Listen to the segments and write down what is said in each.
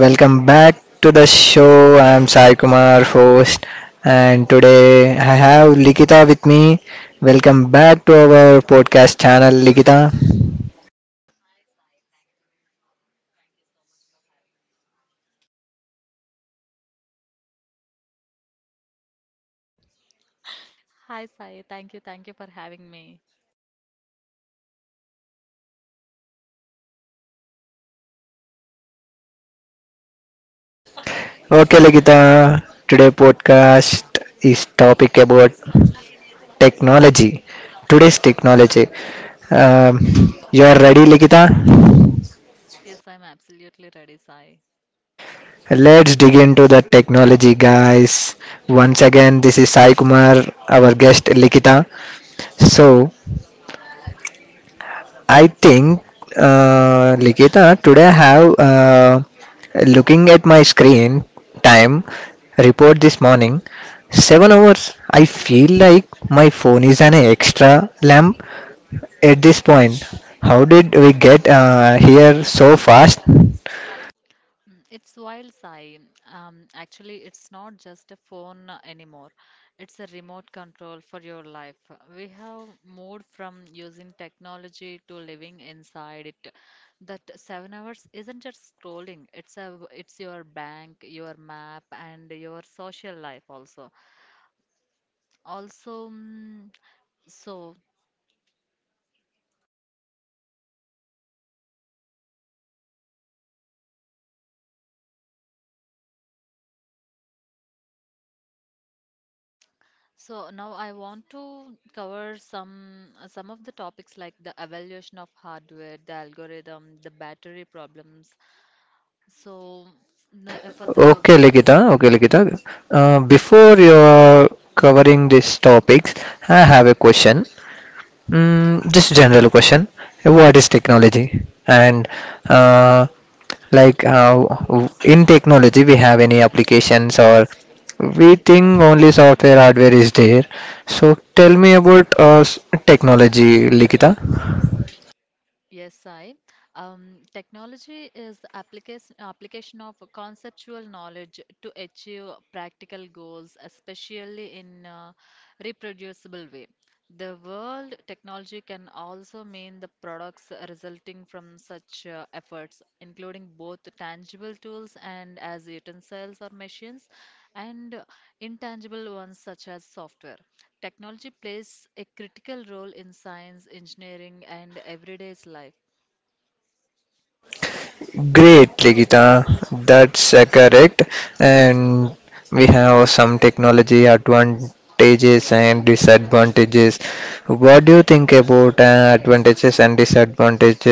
Welcome back to the show. I'm Sai Kumar, host, and today I have Likita with me. Welcome back to our podcast channel, Likita. Hi, Sai. Thank you. Thank you for having me. Okay, Likita, today podcast is topic about technology. Today's technology. Um, you are ready, Likita? Yes, I'm absolutely ready, Sai. Let's dig into the technology, guys. Once again, this is Sai Kumar, our guest Likita. So, I think, Likita, today I have looking at my screen time report this morning. 7 hours. I feel like my phone is an extra lamp at this point. How did we get here so fast? Mm, it's wild, Sai. Actually, it's not just a phone anymore. It's a remote control for your life. We have moved from using technology to living inside it. That 7 hours isn't just scrolling. It's your bank, your map, and your social life also. Also, so So now I want to cover some of the topics like the evaluation of hardware, the algorithm, the battery problems. So the, for the Okay, Likita. Okay, Likita. Before you're covering these topics, I have a question. Mm, just general question. What is technology? And uh, like in technology, we have any applications, or we think only software hardware is there. So tell me about technology, Likita. Yes, I. Technology is the application of conceptual knowledge to achieve practical goals, especially in a reproducible way. The world technology can also mean the products resulting from such efforts, including both tangible tools and as utensils or machines, and intangible ones such as software. Technology plays a critical role in science, engineering, and everyday's life. Great, Ligita. That's correct. And we have some technology advantages and disadvantages. What do you think about advantages and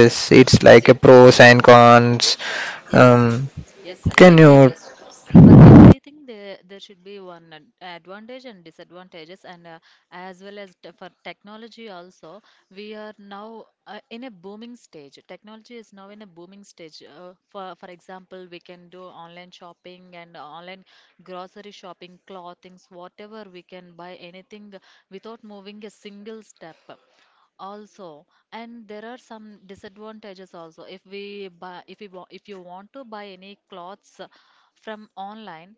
Yes, It's like a definitely. pros and cons. Yes, Um, yes, sir, can you? definitely. For everything, there should be one advantage and disadvantages, and as well as for technology also, we are now in a booming stage. Technology is now in a booming stage. For example, we can do online shopping and online grocery shopping, clothings, whatever we can buy anything without moving a single step also, and there are some disadvantages also. If we buy if we wa- if you want to buy any clothes from online,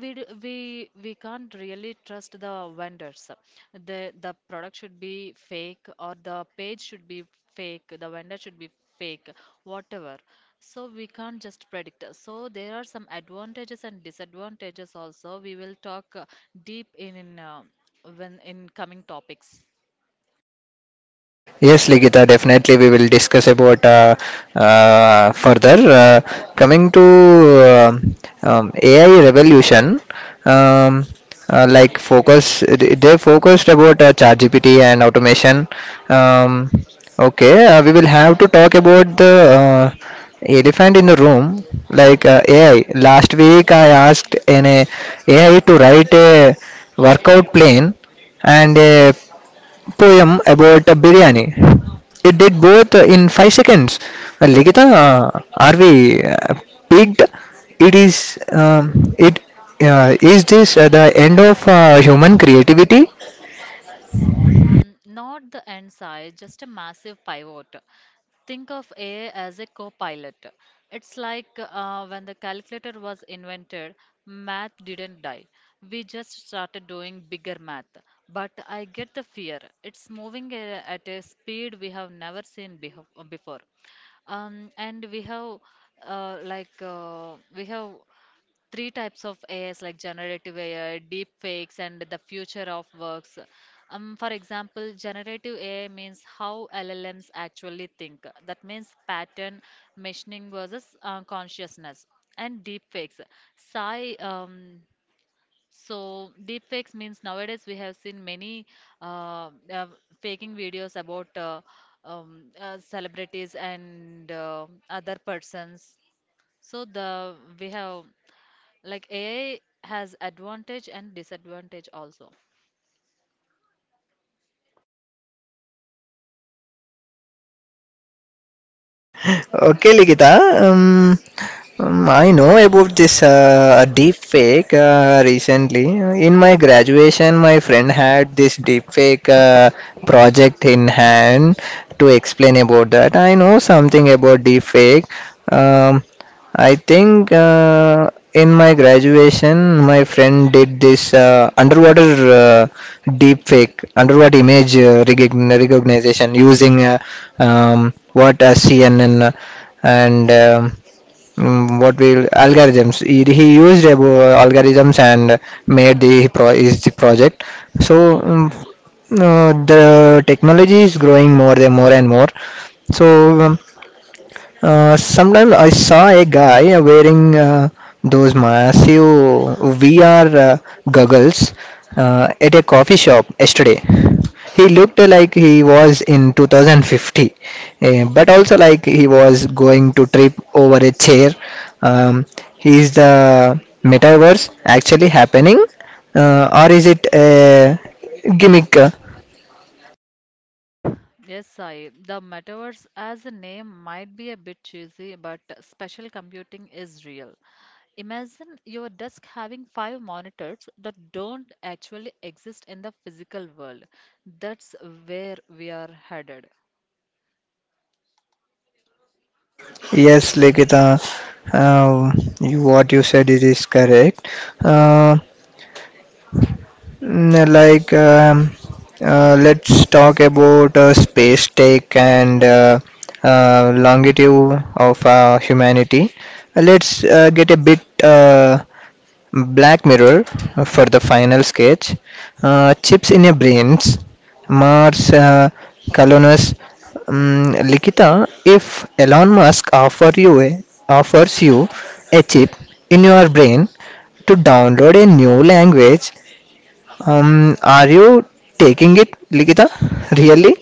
we d- we can't really trust the vendors. The product should be fake, or the page should be fake, the vendor should be fake, whatever. So we can't just predict. So there are some advantages and disadvantages also. We will talk deep in coming topics. Yes, Ligita, definitely we will discuss about further. Coming to AI revolution, um, like focus, they focused about ChatGPT and automation. Um, okay, we will have to talk about the elephant in the room, like AI. Last week I asked an AI to write a workout plan and a poem about a biryani. It did both in 5 seconds. Well, Ligita, are we peaked? It is. It Is this the end of human creativity? Mm, not the end side, just a massive pivot. Think of AI as a co pilot. It's like when the calculator was invented, math didn't die. We just started doing bigger math. But I get the fear. It's moving at a speed we have never seen before. And we have, like, we have three types of AIs, like generative AI, deep fakes, and the future of works. For example, generative AI means how LLMs actually think. That means pattern machining versus consciousness. And deep fakes. Sai, um, so deep fakes means nowadays we have seen many uh, uh, faking videos about celebrities and other persons. So the we have, like, AI has advantage and disadvantage also. Okay, Likita. Um, I know about this deep fake recently. In my graduation, my friend had this deep fake project in hand to explain about that. I know something about deep fake. Um, I think in my graduation, my friend did this underwater uh, deep fake, underwater image recognition using what CNN and mm, what will algorithms. He used algorithms and made the his project. So the technology is growing more and more and more. So um, sometime I saw a guy wearing those massive VR goggles at a coffee shop yesterday. He looked like he was in 2050, but also like he was going to trip over a chair. Um, is the metaverse actually happening, or is it a gimmick? Yes, Sai. The metaverse as a name might be a bit cheesy, but special computing is real. Imagine your desk having five monitors that don't actually exist in the physical world. That's where we are headed. Yes, Likita, uh, what you said it is correct. Uh, mm, like, um, let's talk about space tech and longitude of humanity. Let's get a bit Black Mirror for the final sketch. Chips in your brains. Mars, Colonus, Likita. If Elon Musk offers you a chip in your brain to download a new language, are you taking it, Likita? Really?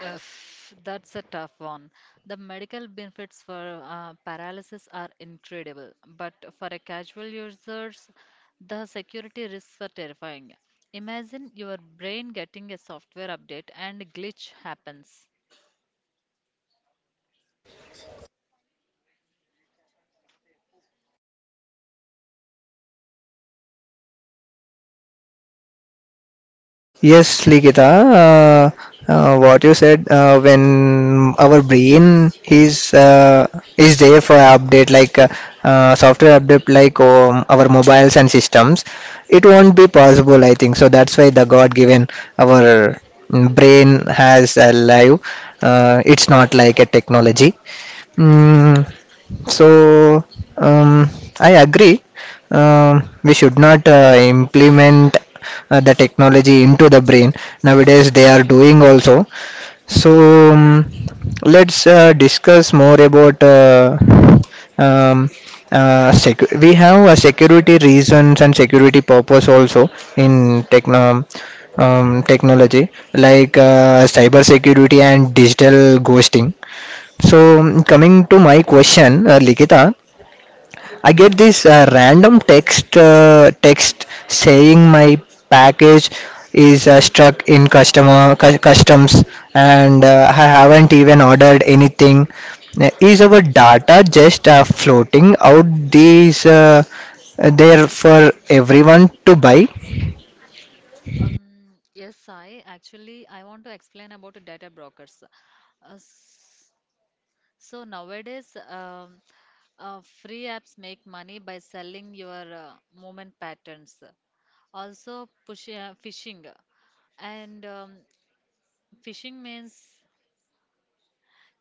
If that's a tough one. The medical benefits for paralysis are incredible, but for a casual users, the security risks are terrifying. Imagine your brain getting a software update and a glitch happens. Yes, Likita, what you said when our brain is there for update like software update like our mobiles and systems, it won't be possible. I think so. That's why the God given our brain has alive. It's not like a technology. Mm, so um, I agree we should not implement the technology into the brain. Nowadays they are doing also. So let's discuss more about um, we have a security reasons and security purpose also in technology, like cyber security and digital ghosting. So coming to my question, likita, I get this random text saying my package is stuck in customs, and I haven't even ordered anything. Is our data just floating out these there for everyone to buy? Yes, I actually I want to explain about data brokers. Uh, s- so nowadays, free apps make money by selling your movement patterns. Also, push, phishing. And phishing means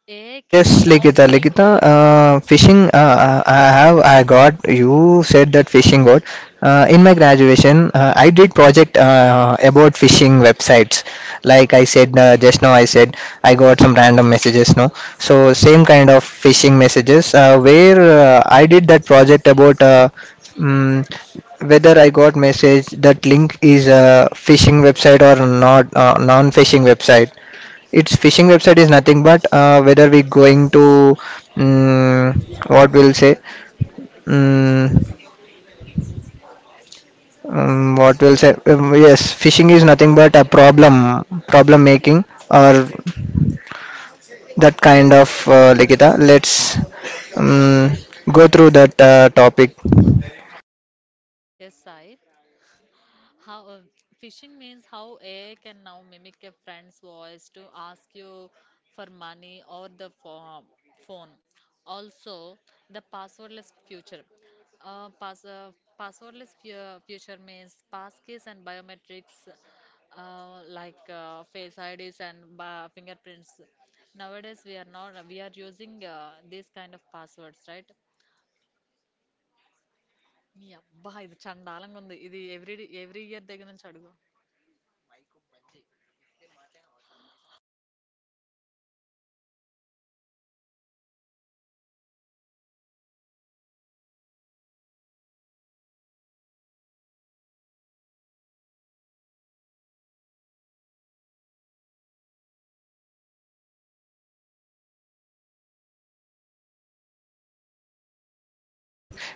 AI can Yes, now Likita. mimic Likita, a, fishing. I have. I got. You said that fishing got. In my graduation, I did project about fishing websites. Like I said just now, I said I got some random messages. No, so same kind of phishing messages. Where I did that project about. Mm, Whether I got message that link is a phishing website or not non-phishing website. Its phishing website is nothing but whether we going to um, what we'll say um, what we'll say yes, phishing is nothing but a problem making, or that kind of Likita. Let's um, go through that topic. a site. How phishing means how AI can now mimic a friend's voice to ask you for money or the phone. Also, the passwordless future. Uh, pass, uh, passwordless future means passkeys and biometrics like face IDs and fingerprints. Nowadays, we are not we are using these kind of passwords, right? Yeah, bah, ఇది చండాలంగా ఉంది ఇది every year దగ్గర నుంచి అడుగు.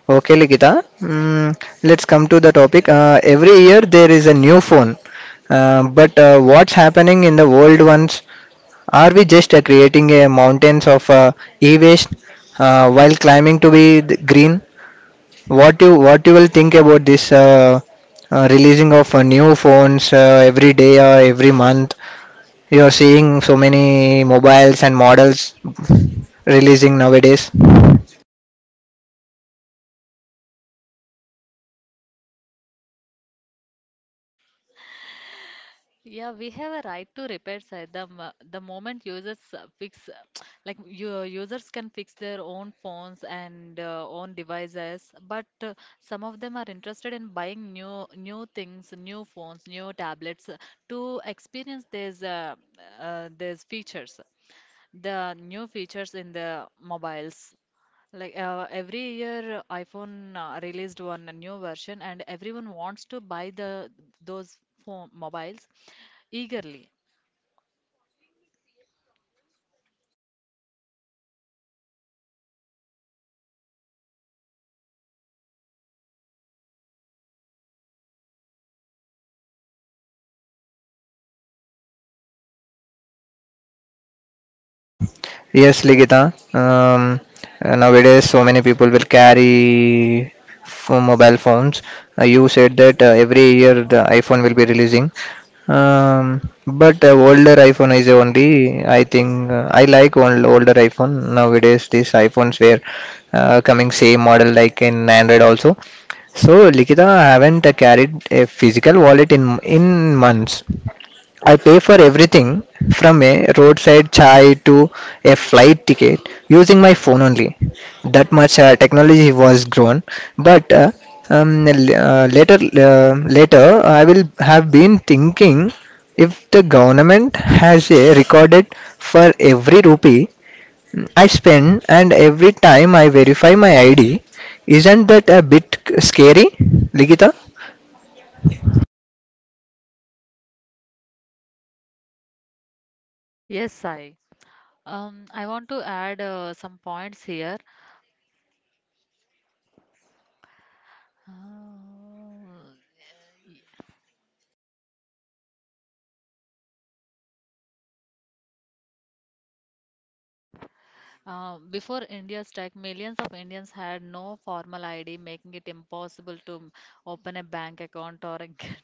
Okay, Ligita. Mm, let's come to the topic. Every year there is a new phone, but what's happening in the world ones? Are we just creating a mountains of e-waste while climbing to be the green? What you will think about this releasing of new phones every day or every month? You're seeing so many mobiles and models releasing nowadays. Yeah, we have a right to repair side. The moment users fix, like your users can fix their own phones and own devices, but some of them are interested in buying new things, new phones, new tablets to experience these features the new features in the mobiles. Like every year, iPhone released one a new version, and everyone wants to buy the those phone mobiles eagerly. Yes, Ligita. Nowadays, so many people will carry mobile phones. You said that every year the iPhone will be releasing. But Older iPhone is only, I think, I like older iPhone. Nowadays, these iPhones were coming same model like in Android also. So, Likita, I haven't carried a physical wallet in months. I pay for everything from a roadside chai to a flight ticket using my phone only. That much technology was grown, but later I will have been thinking if the government has a recorded for every rupee I spend and every time I verify my ID. Isn't that a bit scary, Ligita? Yes, Sai. I want to add some points here. Uh, Before India's tech, millions of Indians had no formal ID, making it impossible to open a bank account or a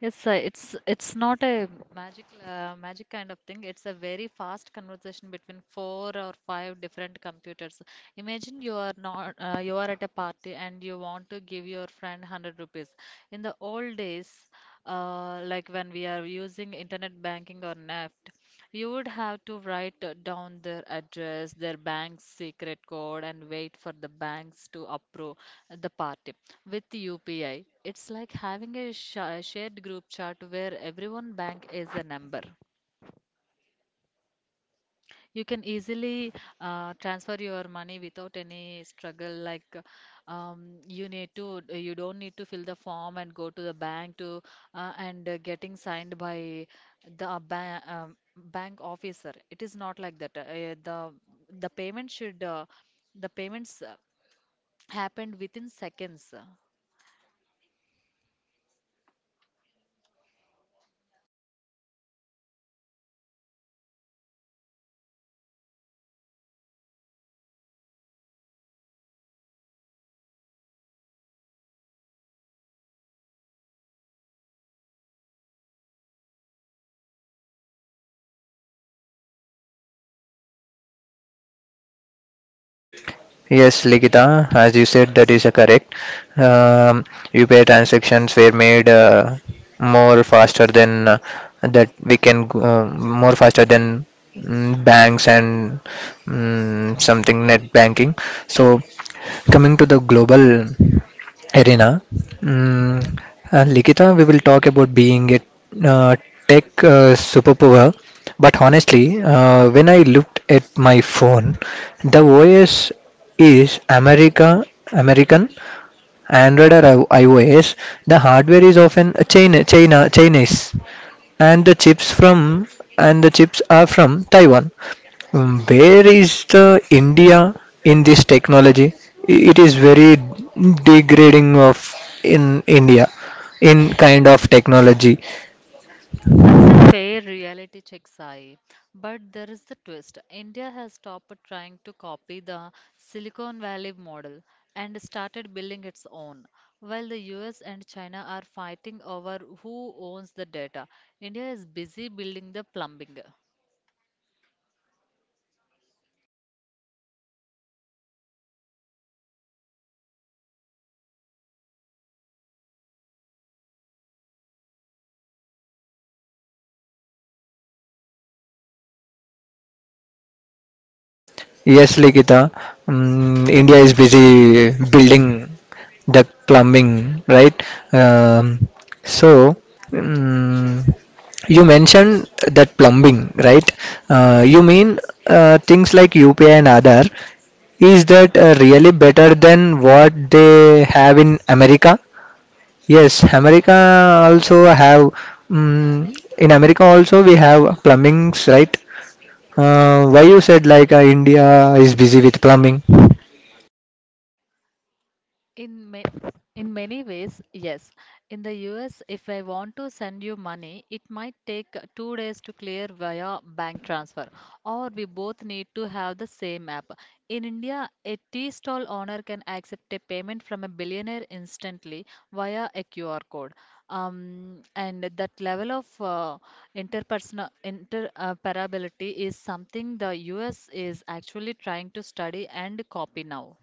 Yes, it's not a magic kind of thing. It's a very fast conversation between four or five different computers. Imagine you are not you are at a party and you want to give your friend 100 rupees. In the old days, like when we are using internet banking or NEFT, you would have to write down their address, their bank's secret code, and wait for the banks to approve the party with UPI. It's like having a shared group chat where everyone bank is a number. You can easily transfer your money without any struggle. Like you don't need to fill the form and go to the bank to and getting signed by the ba bank officer. It is not like that. The payment should the payments happened within seconds. Yes, Likita, as you said, that is correct. Um, UPI transactions were made more faster than that we can go- more faster than banks and something net banking. So coming to the global arena, mm, Likita, we will talk about being a uh, tech superpower. But honestly, when I looked at my phone, the OS is American, Android or iOS. The hardware is often Chinese, and the chips are from Taiwan. Where is the India in this technology? It is very degrading of in India in kind of technology. That's a fair reality check, Sai. But there is a twist. India has stopped trying to copy the Silicon Valley model and started building its own. While the US and China are fighting over who owns the data, India is busy building the plumbing. Yes, Likita. Mm, India is busy building the plumbing, right? Um, so, mm, you mentioned that plumbing, right? You mean things like UPI and Aadhaar. Is that really better than what they have in America? Yes, America also have. Mm, in America also we have plumbings, right? Why you said like India is busy with plumbing? In ma in many ways, yes. In the US, if I want to send you money, it might take 2 days to clear via bank transfer, or we both need to have the same app. In India, a tea stall owner can accept a payment from a billionaire instantly via a QR code. And that level of interpersonal interoperability is something the US is actually trying to study and copy now.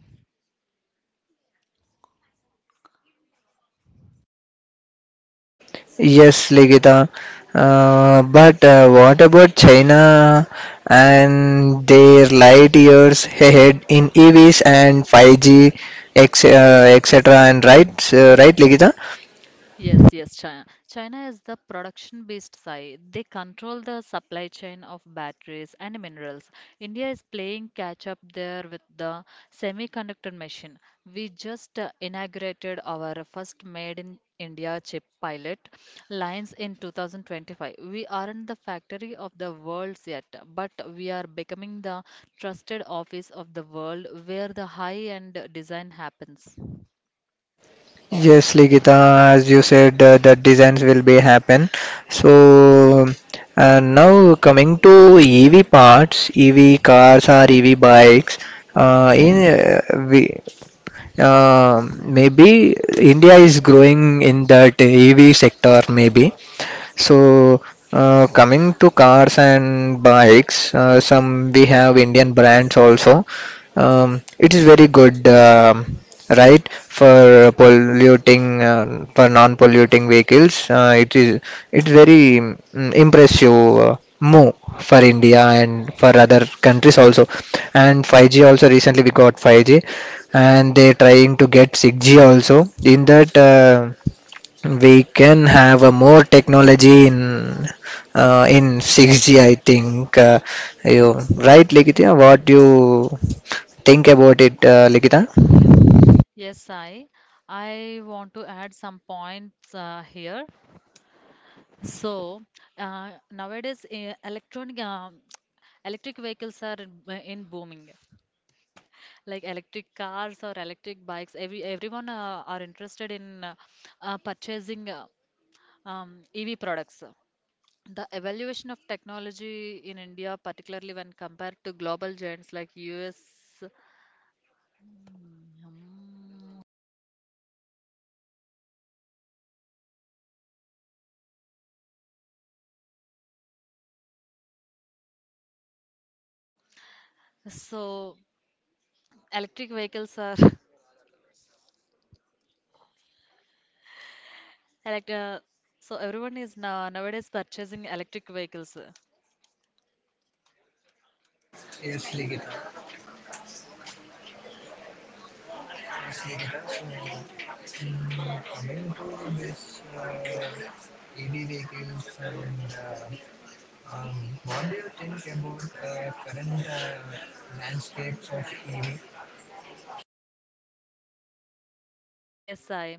Yes, Ligita. But What about China and their light years ahead in EVs and 5G, etc. And right, right, Ligita. Yes, yes, China is the production-based side. They control the supply chain of batteries and minerals. India is playing catch up there with the semiconductor machine. We just inaugurated our first made in India chip pilot lines in 2025. We aren't the factory of the world yet, but we are becoming the trusted office of the world where the high-end design happens. Yes, Ligita. As you said, the designs will be happen. So. Now coming to EV parts, EV cars or EV bikes, in we Um, maybe India is growing in that EV sector, maybe. So, coming to cars and bikes, some we have Indian brands also. It is very good, right, for polluting, for non-polluting vehicles. It's very impressive move for India and for other countries also. And 5G also recently we got 5G, and they're trying to get 6G also. In that, we can have a more technology in 6G. I think you right, Likita. What do you think about it, Likita? Yes, I want to add some points here. So nowadays, electronic electric vehicles are in booming. Like electric cars or electric bikes, everyone are interested in purchasing EV products. The evaluation of technology in India, particularly when compared to global giants like US, so electric vehicles are Elect so everyone is now nowadays purchasing electric vehicles. Yes, I.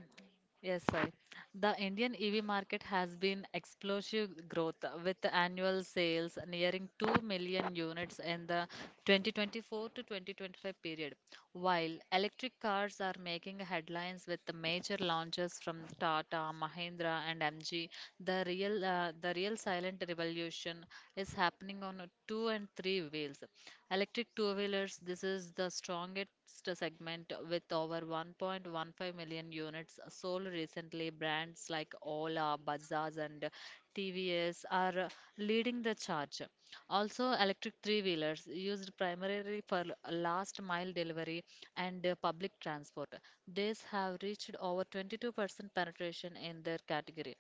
Yes, I. The Indian EV market has been explosive growth with annual sales nearing 2 million units in the 2024 to 2025 period. While electric cars are making headlines with the major launches from Tata, Mahindra, and MG, the real silent revolution is happening on two and three wheels. Electric two wheelers, this is the strongest segment with over 1.15 million units sold recently. Brands like Ola, Bajaj, and TVS are leading the charge. Also, electric three wheelers used primarily for last mile delivery and public transport. These have reached over 22% penetration in their category.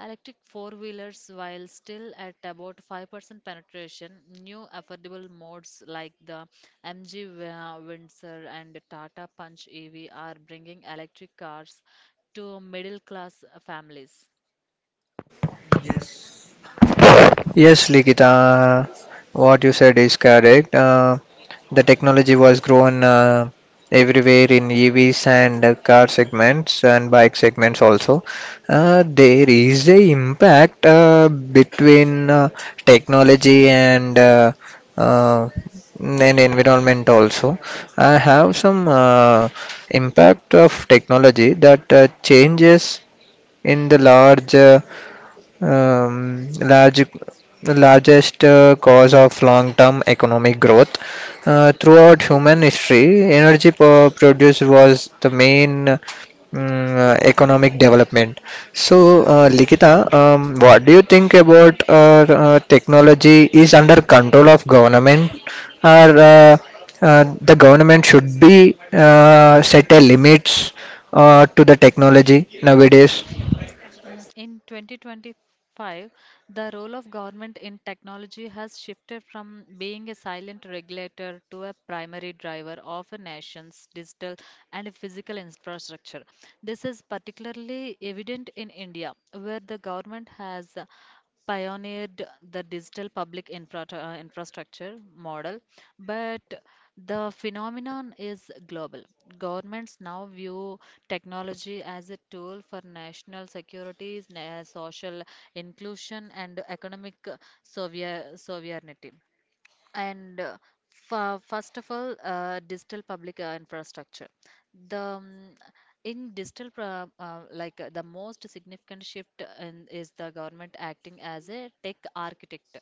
Electric four wheelers, while still at about 5% penetration, new affordable modes like the MG Windsor and Tata Punch EV are bringing electric cars to middle class families. Yes, Likita, what you said is correct. The technology was grown everywhere in EVs and car segments and bike segments also. There is a impact between technology uh, and environment also. I have some impact of technology that changes in the large the largest cause of long-term economic growth. Throughout human history, energy produce was the main economic development. So, Likita, what do you think about technology is under control of government, or the government should be set a limits to the technology nowadays? Mm, in 2025, the role of government in technology has shifted from being a silent regulator to a primary driver of a nation's digital and physical infrastructure. This is particularly evident in India, where the government has pioneered the digital public infrastructure model, but the phenomenon is global. Governments now view technology as a tool for national security, social inclusion, and economic sovereignty. And uh, first of all, digital public infrastructure. The in digital, pra- like The most significant shift is the government acting as a tech architect.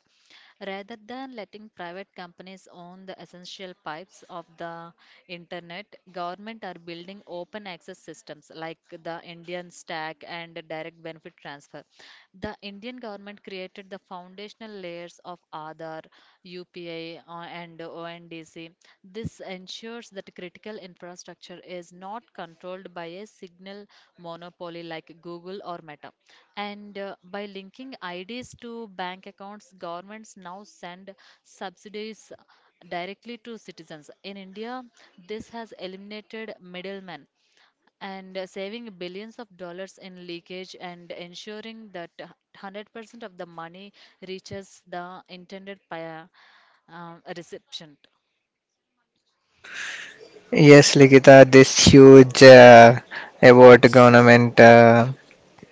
Rather than letting private companies own the essential pipes of the internet, government are building open access systems like the Indian Stack and Direct Benefit Transfer. The Indian government created the foundational layers of Aadhaar, UPI, and ONDC. This ensures that critical infrastructure is not controlled by a signal monopoly like Google or Meta. And by linking IDs to bank accounts, governments now send subsidies directly to citizens. In India, this has eliminated middlemen and saving billions of dollars in leakage and ensuring that 100% of the money reaches the intended reception. Yes, Likita, this huge award government uh,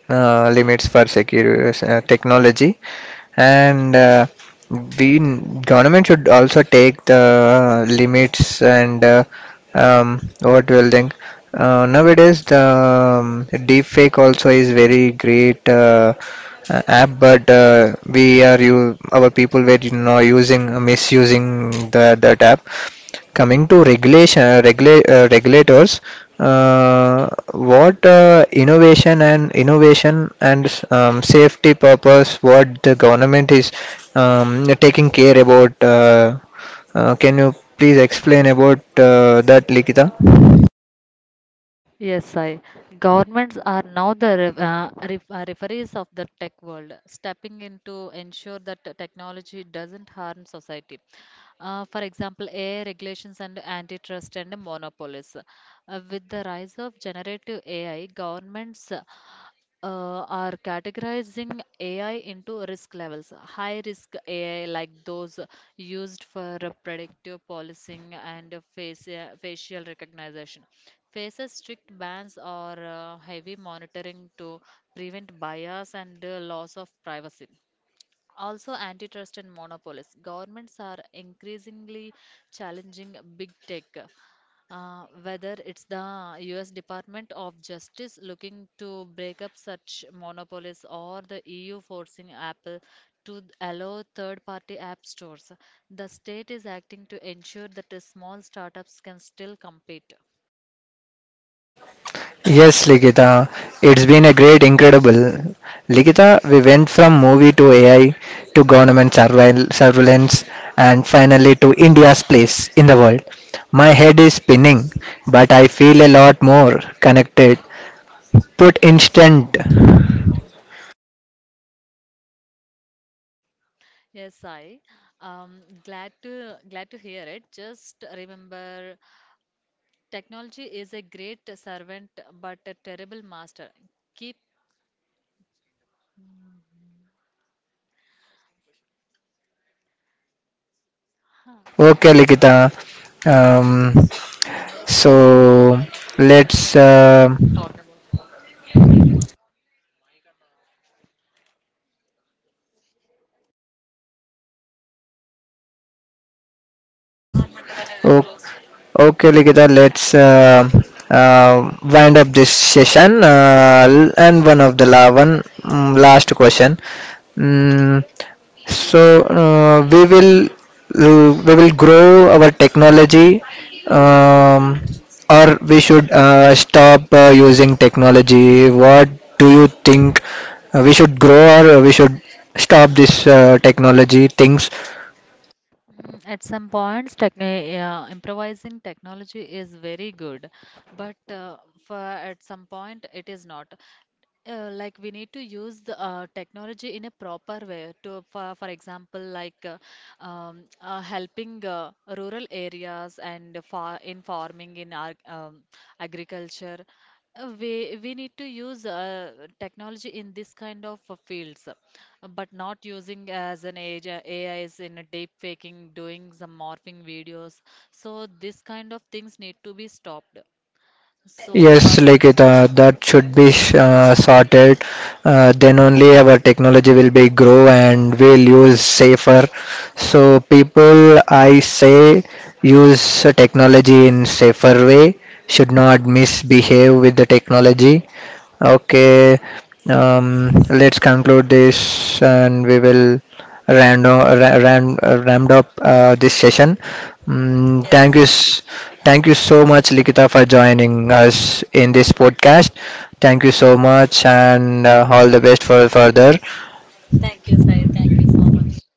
uh, limits for secure technology, and we government should also take the limits and what will think. Nowadays, the deep fake also is very great app, but we are, you, our people were, you know, using, misusing the that app. Coming to regulation, regulators, what innovation and safety purpose, what the government is taking care about, can you please explain about that, likita? Yes, I. Governments are now the referees of the tech world, stepping in to ensure that the technology doesn't harm society. For example, AI regulations and antitrust and monopolies. With the rise of generative AI, governments are categorizing AI into risk levels. High risk AI, like those used for predictive policing and facial recognition, faces strict bans or heavy monitoring to prevent bias and loss of privacy. Also, antitrust and monopolies. Governments are increasingly challenging big tech. Whether it's the US Department of Justice looking to break up such monopolies or the EU forcing Apple to allow third party app stores, the state is acting to ensure that the small startups can still compete. Yes, Ligita, it's been a great, incredible. Ligita, we went from movie to AI to government surveillance and finally to India's place in the world. My head is spinning, but I feel a lot more connected, put instant. Yes, I. Glad to hear it. Just remember, technology is a great servant but a terrible master. Keep huh, Okay, Ligita. Um, environmental good. so Let's let's. Talk about. Okay, Likita, let's wind up this session. And one of the one last question. Mm, so we will grow our technology, um, or we should stop using technology. What do you think? We should grow, or we should stop this technology things? Mm, at some points, improvising technology is very good, but for at some point it is not. Like we need to use the technology in a proper way to for example, like helping rural areas and farming in our agriculture. Uh, we we need to use technology in this kind of fields, but not using as an age AIs in a deep faking, doing some morphing videos. So this kind of things need to be stopped. So uh, Yes, like it, that should be sh- sorted. Then only our technology will be grow and we'll use safer. So people, I say, use technology in safer way. Should not misbehave with the technology. Okay, let's conclude this, and we will rammed up this session. Thank yes you, I thank you so much, Likita, for joining us in this podcast. Thank you so much, and all the best for further. Thank Thank you, you, Sai. Thank you so Sai. much.